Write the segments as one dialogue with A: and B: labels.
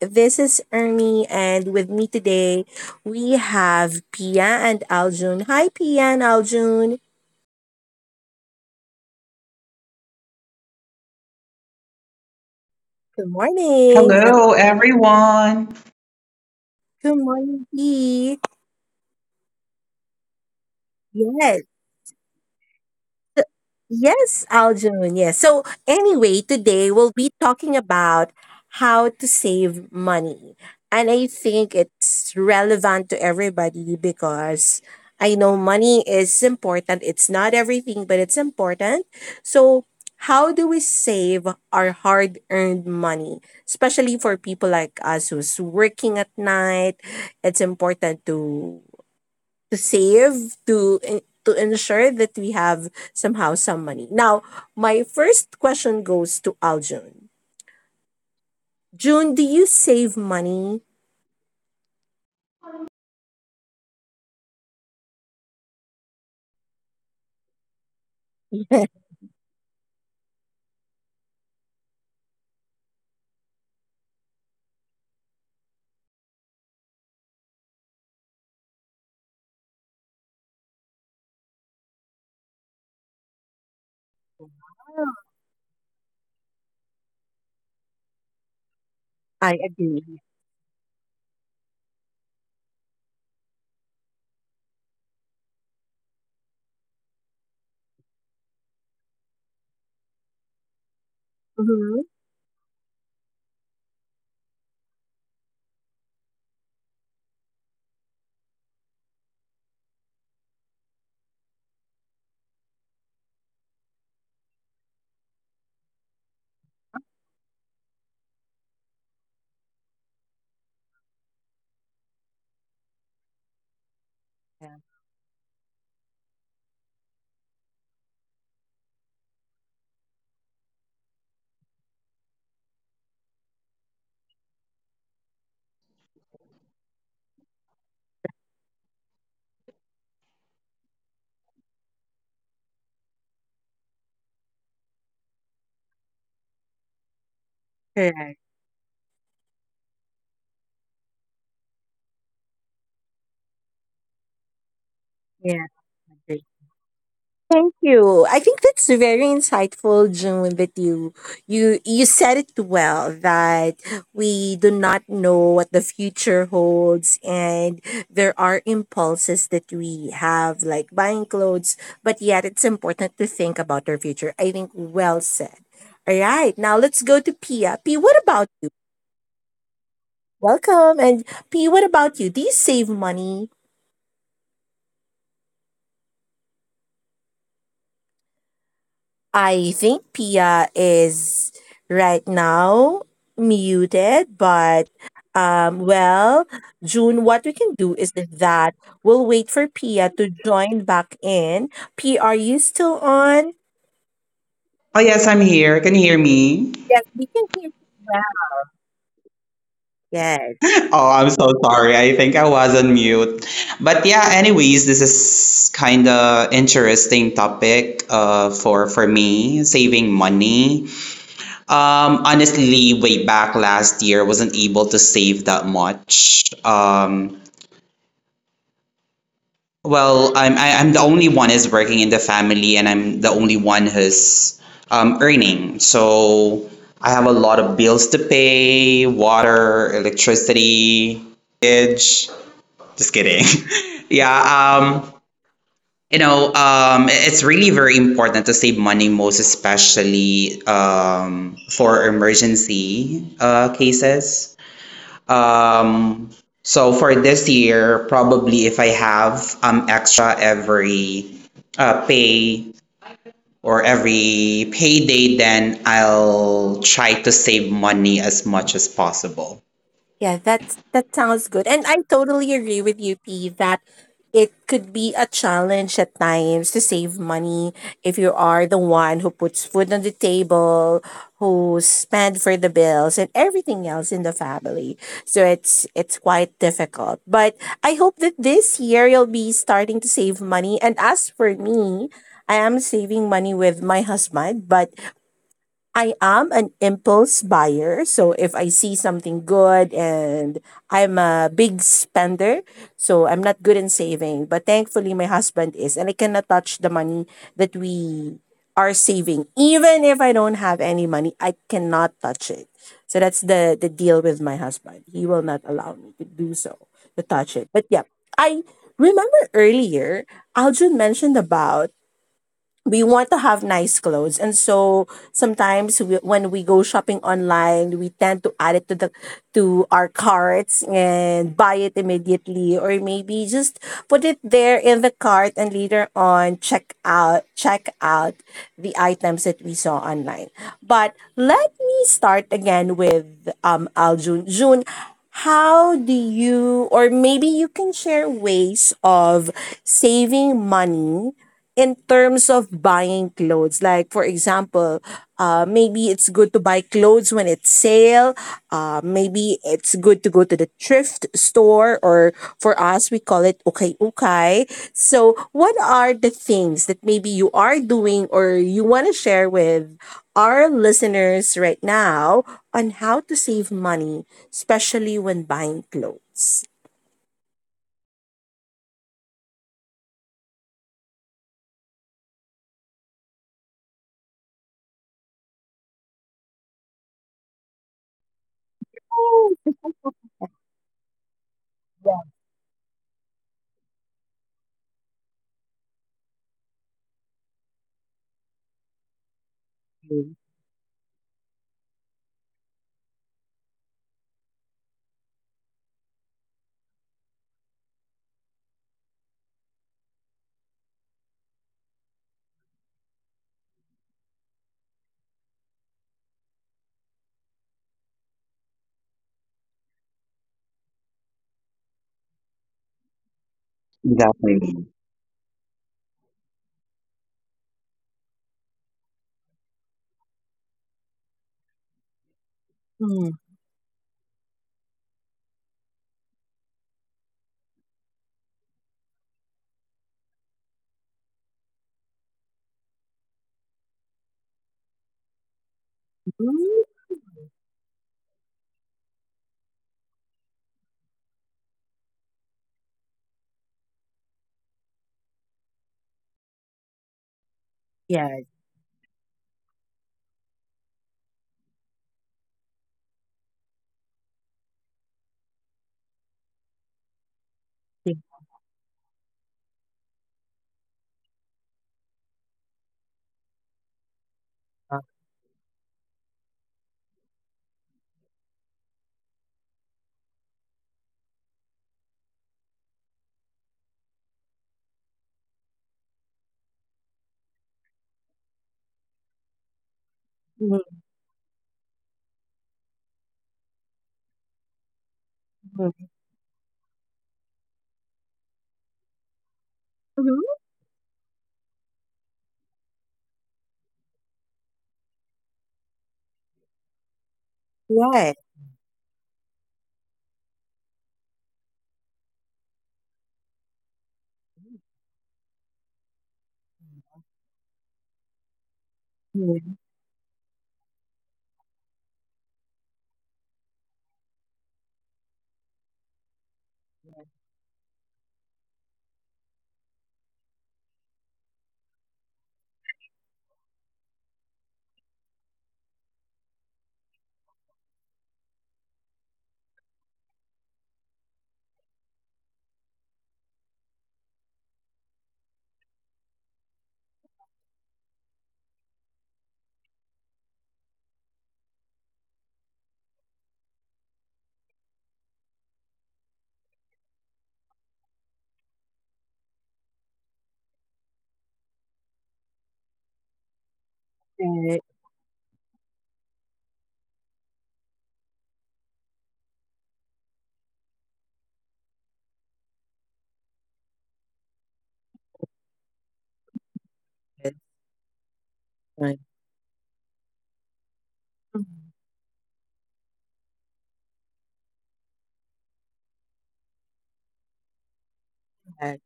A: This is Ernie, and with me today we have Pia and Aljun. Hi, Pia and Aljun. Good morning.
B: Hello, everyone.
A: Good morning, P. Yes. So- Yes, Aljun. Yes. So, anyway, today we'll be talking about how to save money. And I think it's relevant to everybody because I know money is important. It's not everything, but it's important. So, how do we save our hard earned money? Especially for people like us who's working at night, it's important to save to ensure that we have somehow some money. Now, my first question goes to Aljun. June, do you save money? I agree. Mhm. Correct. Yeah. Thank you. I think that's very insightful, June, that you said it well that we do not know what the future holds and there are impulses that we have like buying clothes, but yet it's important to think about our future. I think well said. All right, now let's go to Pia. P, what about welcome and P, what about you? Do you save money? I think Pia is right now muted, but well, June, what we can do is that we'll wait for Pia to join back in. Pia, are you still on?
B: Oh, yes, I'm here. Can you hear me?
A: Yes, we can hear you well. Yes.
B: Oh, I'm so sorry. I think I was on mute. But yeah, anyways, this is kind of interesting topic for me, saving money. Honestly, way back last year, wasn't able to save that much. Well, I'm I'm the only one is working in the family, and I'm the only one who's earning. So I have a lot of bills to pay: water, electricity, mortgage. Just kidding. yeah. Um. It's really very important to save money, most especially for emergency cases. Um, so for this year, probably if I have extra every pay or every payday, then I'll try to save money as much as possible.
A: Yeah, that sounds good. And I totally agree with you, P, that it could be a challenge at times to save money if you are the one who puts food on the table, who spend for the bills and everything else in the family. So it's quite difficult. But I hope that this year you'll be starting to save money. And as for me, I am saving money with my husband, but I am an impulse buyer. So if I see something good and I'm a big spender, so I'm not good in saving. But thankfully, my husband is, and I cannot touch the money that we are saving. Even if I don't have any money, I cannot touch it. So that's the deal with my husband. He will not allow me to do so, to touch it. But yeah, I remember earlier, Aljun mentioned about we want to have nice clothes and so sometimes we, when we go shopping online, we tend to add it to the to our carts and buy it immediately, or maybe just put it there in the cart and later on check out the items that we saw online. But let me start again with Aljun. June, how do you, or maybe you can share ways of saving money in terms of buying clothes? Like, for example, maybe it's good to buy clothes when it's sale. Maybe it's good to go to the thrift store, or for us we call it okay okay. So what are the things that maybe you are doing or you want to share with our listeners right now on how to save money, especially when buying clothes?
B: Definitely.
A: Mm-hmm. Yes. Mhm. Mm-hmm. Right. Right, it's fine. Right.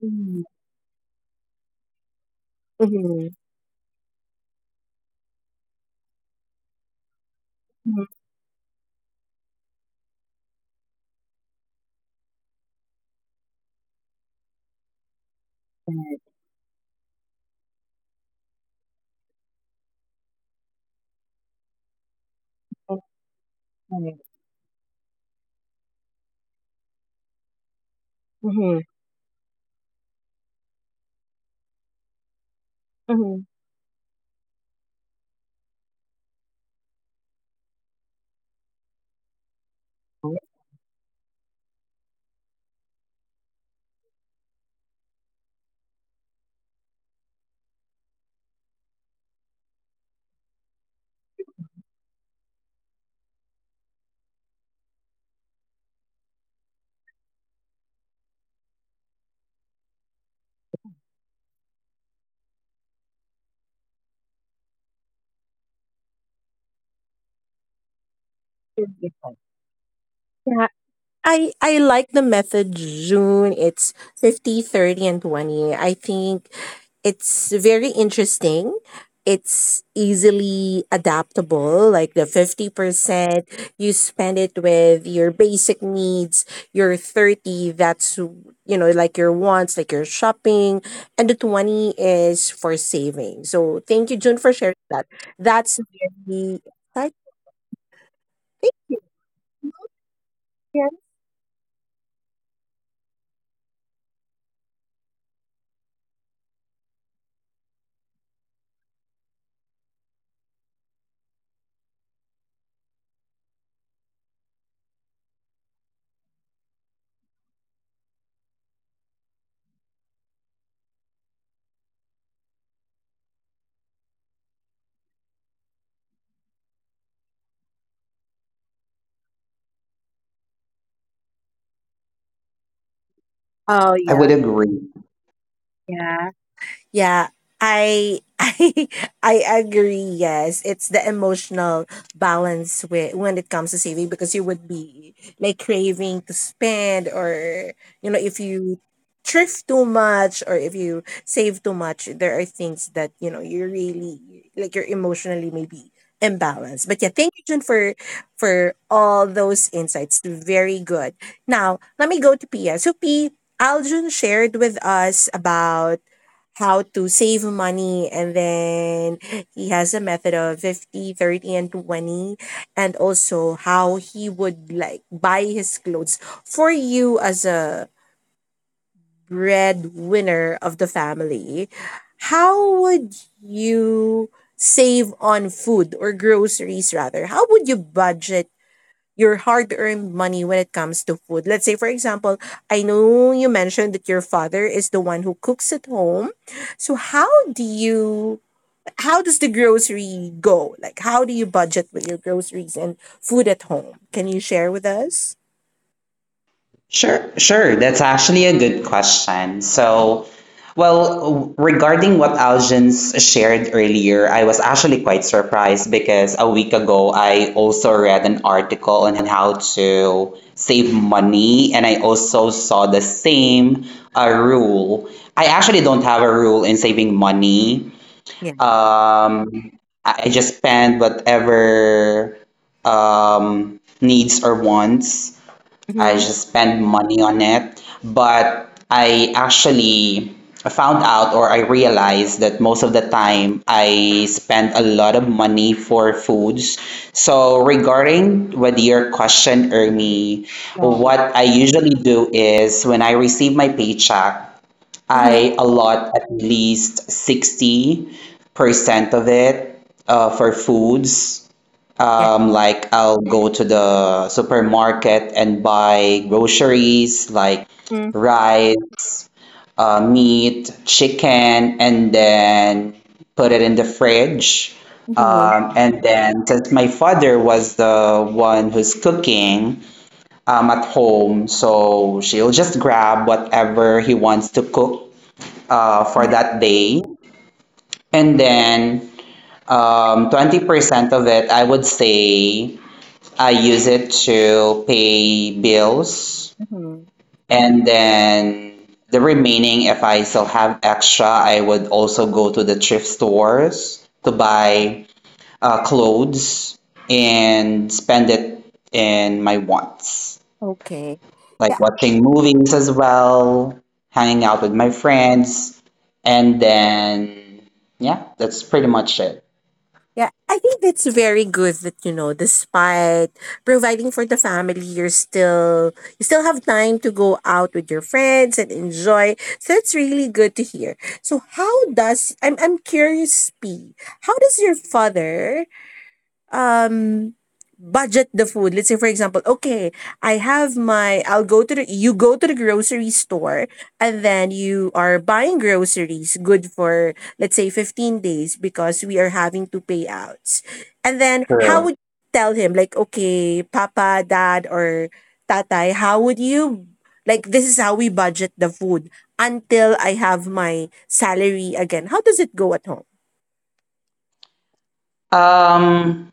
A: Mhm, mhm, mhm, right, mhm, mhm. Right. Yeah, I like the method, June. It's 50, 30, and 20. I think it's very interesting. It's easily adaptable, like the 50% you spend it with your basic needs, your 30 that's, you know, like your wants, like your shopping, and the 20 is for saving. So thank you, June, for sharing that. That's very exciting. Oh
B: I
A: yeah,
B: would agree.
A: yeah. Yeah, I I agree. Yes, it's the emotional balance with when it comes to saving, because you would be like craving to spend, or you know, if you thrift too much or if you save too much, there are things that, you know, you're really like you're emotionally maybe imbalanced. But yeah, thank you, Jun, for all those insights. Very good. Now let me go to Pia. So P, Aljun shared with us about how to save money, and then he has a method of 50, 30, and 20, and also how he would like buy his clothes. For you, as a breadwinner of the family, how would you save on food or groceries? Rather, how would you budget your hard earned money when it comes to food? Let's say, for example, I know you mentioned that your father is the one who cooks at home. So how do you, how does the grocery go? Like, how do you budget with your groceries and food at home? Can you share with us?
B: Sure, sure. That's actually a good question. So, well, regarding what Algin's shared earlier, I was actually quite surprised because a week ago I also read an article on how to save money, and I also saw the same rule. I actually don't have a rule in saving money.
A: Yeah.
B: Um, I just spend whatever needs or wants. I
A: Mm-hmm.
B: just spend money on it. But I actually found out or I realized that most of the time I spend a lot of money for foods. So regarding with your question, Ermi,
A: Lord.
B: what I usually do is when I receive my paycheck,
A: Mm-hmm.
B: I allot at least 60% of it for foods.
A: Yeah.
B: Like I'll go to the supermarket and buy groceries like
A: Mm-hmm.
B: rice, meat, chicken, and then put it in the fridge.
A: Mm-hmm.
B: And then, since my father was the one who's cooking at home, so she'll just grab whatever he wants to cook for that day. And then 20% of it, I would say I use it to pay bills.
A: Mm-hmm.
B: And then the remaining, if I still have extra, I would also go to the thrift stores to buy clothes and spend it in my wants.
A: Okay.
B: Like
A: Yeah.
B: watching movies as well, hanging out with my friends, and then yeah, that's pretty much it.
A: Yeah, I think that's very good that, you know, despite providing for the family, you're still, you still have time to go out with your friends and enjoy. So that's really good to hear. So how does, I'm curious, P, how does your father um budget the food? Let's say, for example, okay, I have my, I'll go to the, you go to the grocery store, and then you are buying groceries good for, let's say, 15 days because we are having to payouts. And then how
B: True.
A: would you tell him like, okay, papa, dad, or tatay, how would you like, this is how we budget the food until I have my salary again? How does it go at home?
B: Um,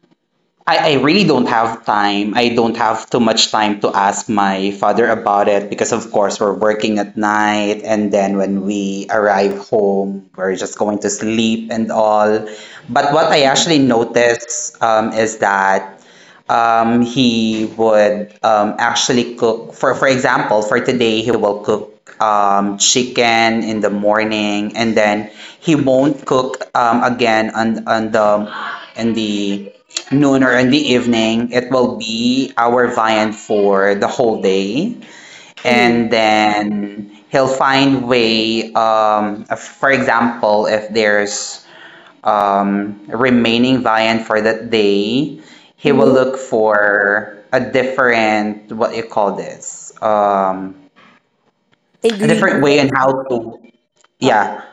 B: I really don't have time. I don't have too much time to ask my father about it because, of course, we're working at night, and then when we arrive home, we're just going to sleep and all. But what I actually notice is that he would actually cook for example for today he will cook chicken in the morning and then he won't cook again on the in the noon or in the evening it will be our viand for the whole day
A: Mm-hmm.
B: and then he'll find way for example if there's remaining Vian for that day, he will
A: Mm-hmm.
B: look for a different, what you call this, a different way on
A: Ingredients,
B: how to, yeah,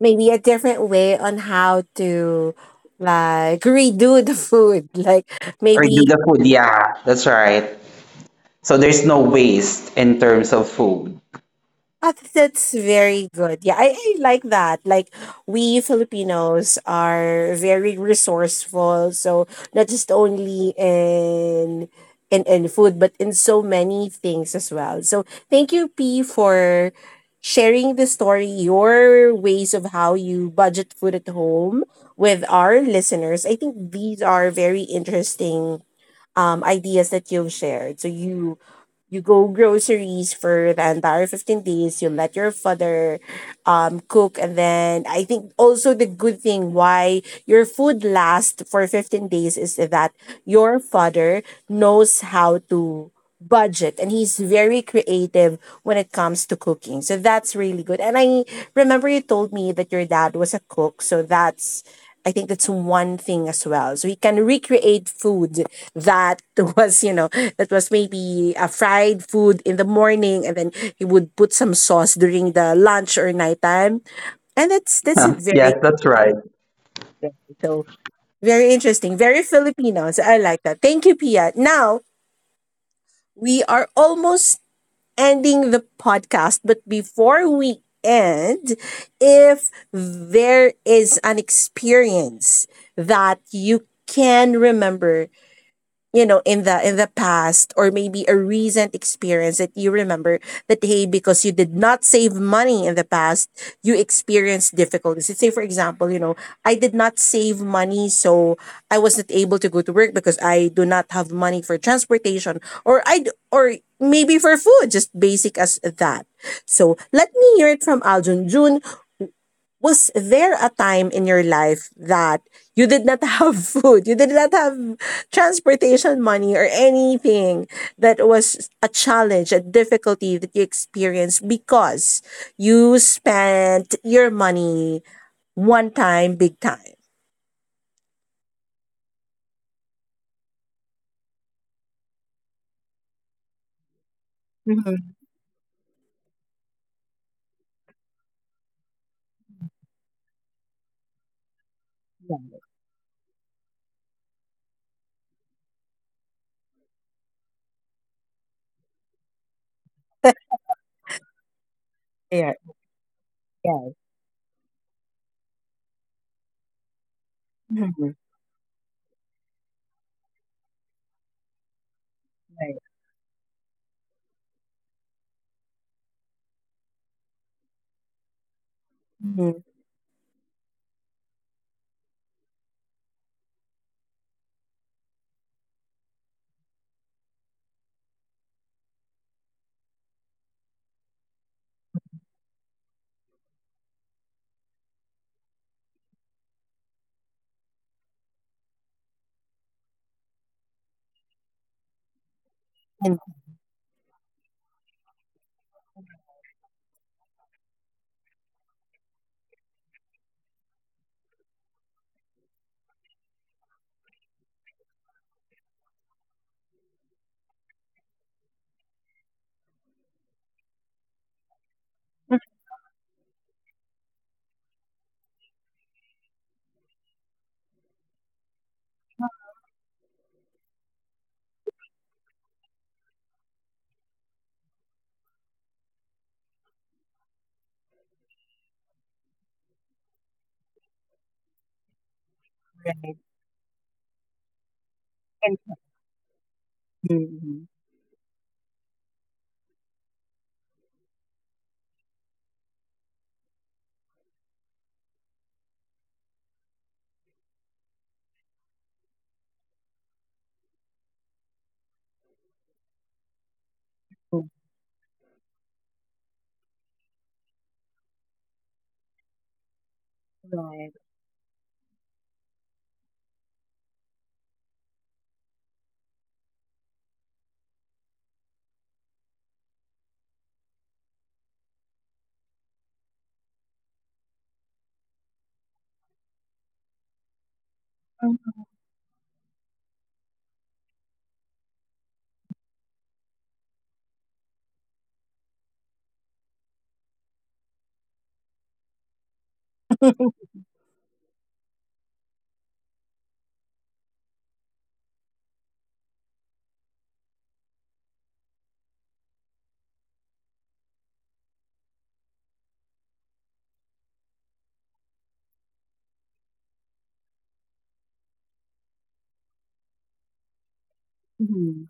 A: maybe a different way on how to like redo the food, like
B: or do
A: maybe.
B: the food. Yeah, that's right. So there's no waste in terms of food.
A: Ah, that's very good. Yeah, I like that. Like, we Filipinos are very resourceful. So not just only in food, but in so many things as well. So thank you, P, for sharing the story, your ways of how you budget food at home with our listeners. I think these are very interesting ideas that you've shared. So you go groceries for the entire 15 days, you let your father cook, and then I think also the good thing why your food lasts for 15 days is that your father knows how to budget and he's very creative when it comes to cooking. So that's really good. And I remember you told me that your dad was a cook, so that's, I think that's one thing as well, so he can recreate food that was, you know, that was maybe a fried food in the morning, and then he would put some sauce during the lunch or nighttime, and that's a
B: Yes,
A: very
B: that's right.
A: good one. So very interesting, very Filipino, so I like that. Thank you, Pia. Now we are almost ending the podcast, but before we end, if there is an experience that you can remember, you know, in the, in the past, or maybe a recent experience that you remember that, hey, because you did not save money in the past, you experienced difficulties. Let's say, for example, you know, I did not save money, so I was not able to go to work because I do not have money for transportation, or maybe for food, just basic as that. So let me hear it from Aljun. June, was there a time in your life that you did not have food, you did not have transportation money, or anything that was a challenge, a difficulty that you experienced because you spent your money one time, big time? Mm-hmm. Yeah. Yeah. Mm-hmm. Right. Mhm. And food. Right. Mm-hmm.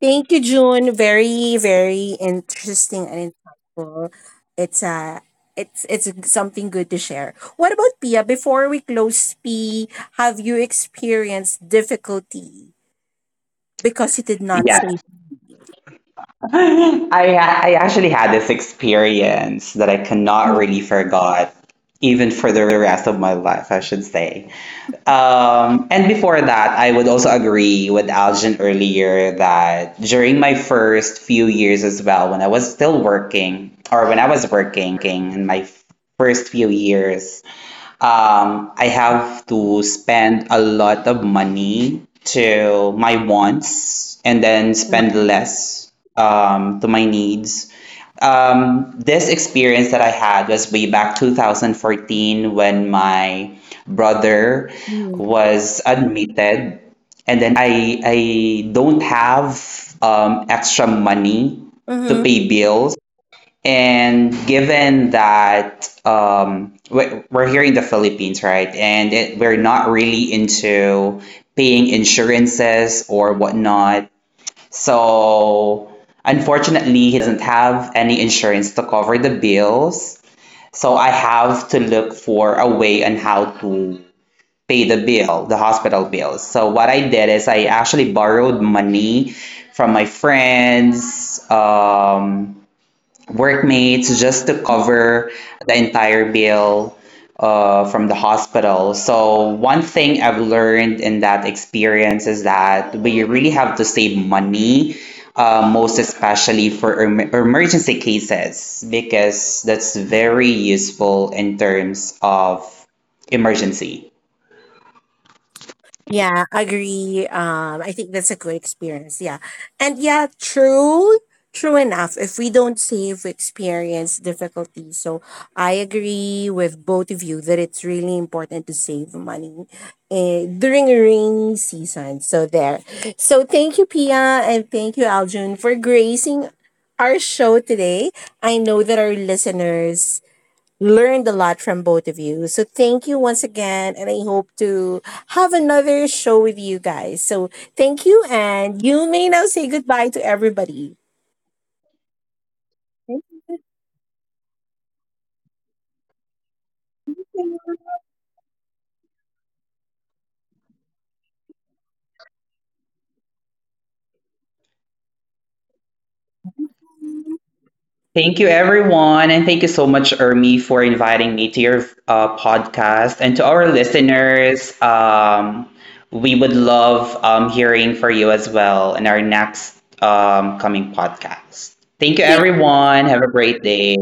A: Thank you, June. Very, very interesting and insightful. It's a, it's something good to share. What about Pia? Before we close, P, have you experienced difficulty because you did not
B: Yeah.
A: say
B: I actually had this experience that I cannot really forget, even for the rest of my life, I should say. And before that, I would also agree with Algin earlier that during my first few years as well, when I was still working, or when I was working in my first few years, I have to spend a lot of money to my wants and then spend less to my needs. This experience that I had was way back 2014 when my brother was admitted, and then I don't have extra money to
A: mm-hmm.
B: pay bills. And given that we're here in the Philippines, right? And it, we're not really into paying insurances or whatnot. So unfortunately, he doesn't have any insurance to cover the bills. So I have to look for a way on how to pay the bill, the hospital bills. So what I did is I actually borrowed money from my friends. Workmates just to cover the entire bill from the hospital. So, one thing I've learned in that experience is that we really have to save money, most especially for emergency cases, because that's very useful in terms of emergency.
A: Yeah, agree. I think that's a good experience. Yeah. And yeah, true, true enough. If we don't save, we experience difficulty. So I agree with both of you that it's really important to save money during rainy season. So there. So thank you, Pia, and thank you, Aljun, for gracing our show today. I know that our listeners learned a lot from both of you. So thank you once again. And I hope to have another show with you guys. So thank you. And you may now say goodbye to everybody. Thank
B: Thank you, everyone. And thank you so much, Ermi, for inviting me to your podcast. And to our listeners, we would love hearing for you as well in our next coming podcast. Thank you,
A: you.
B: everyone. Have a great day.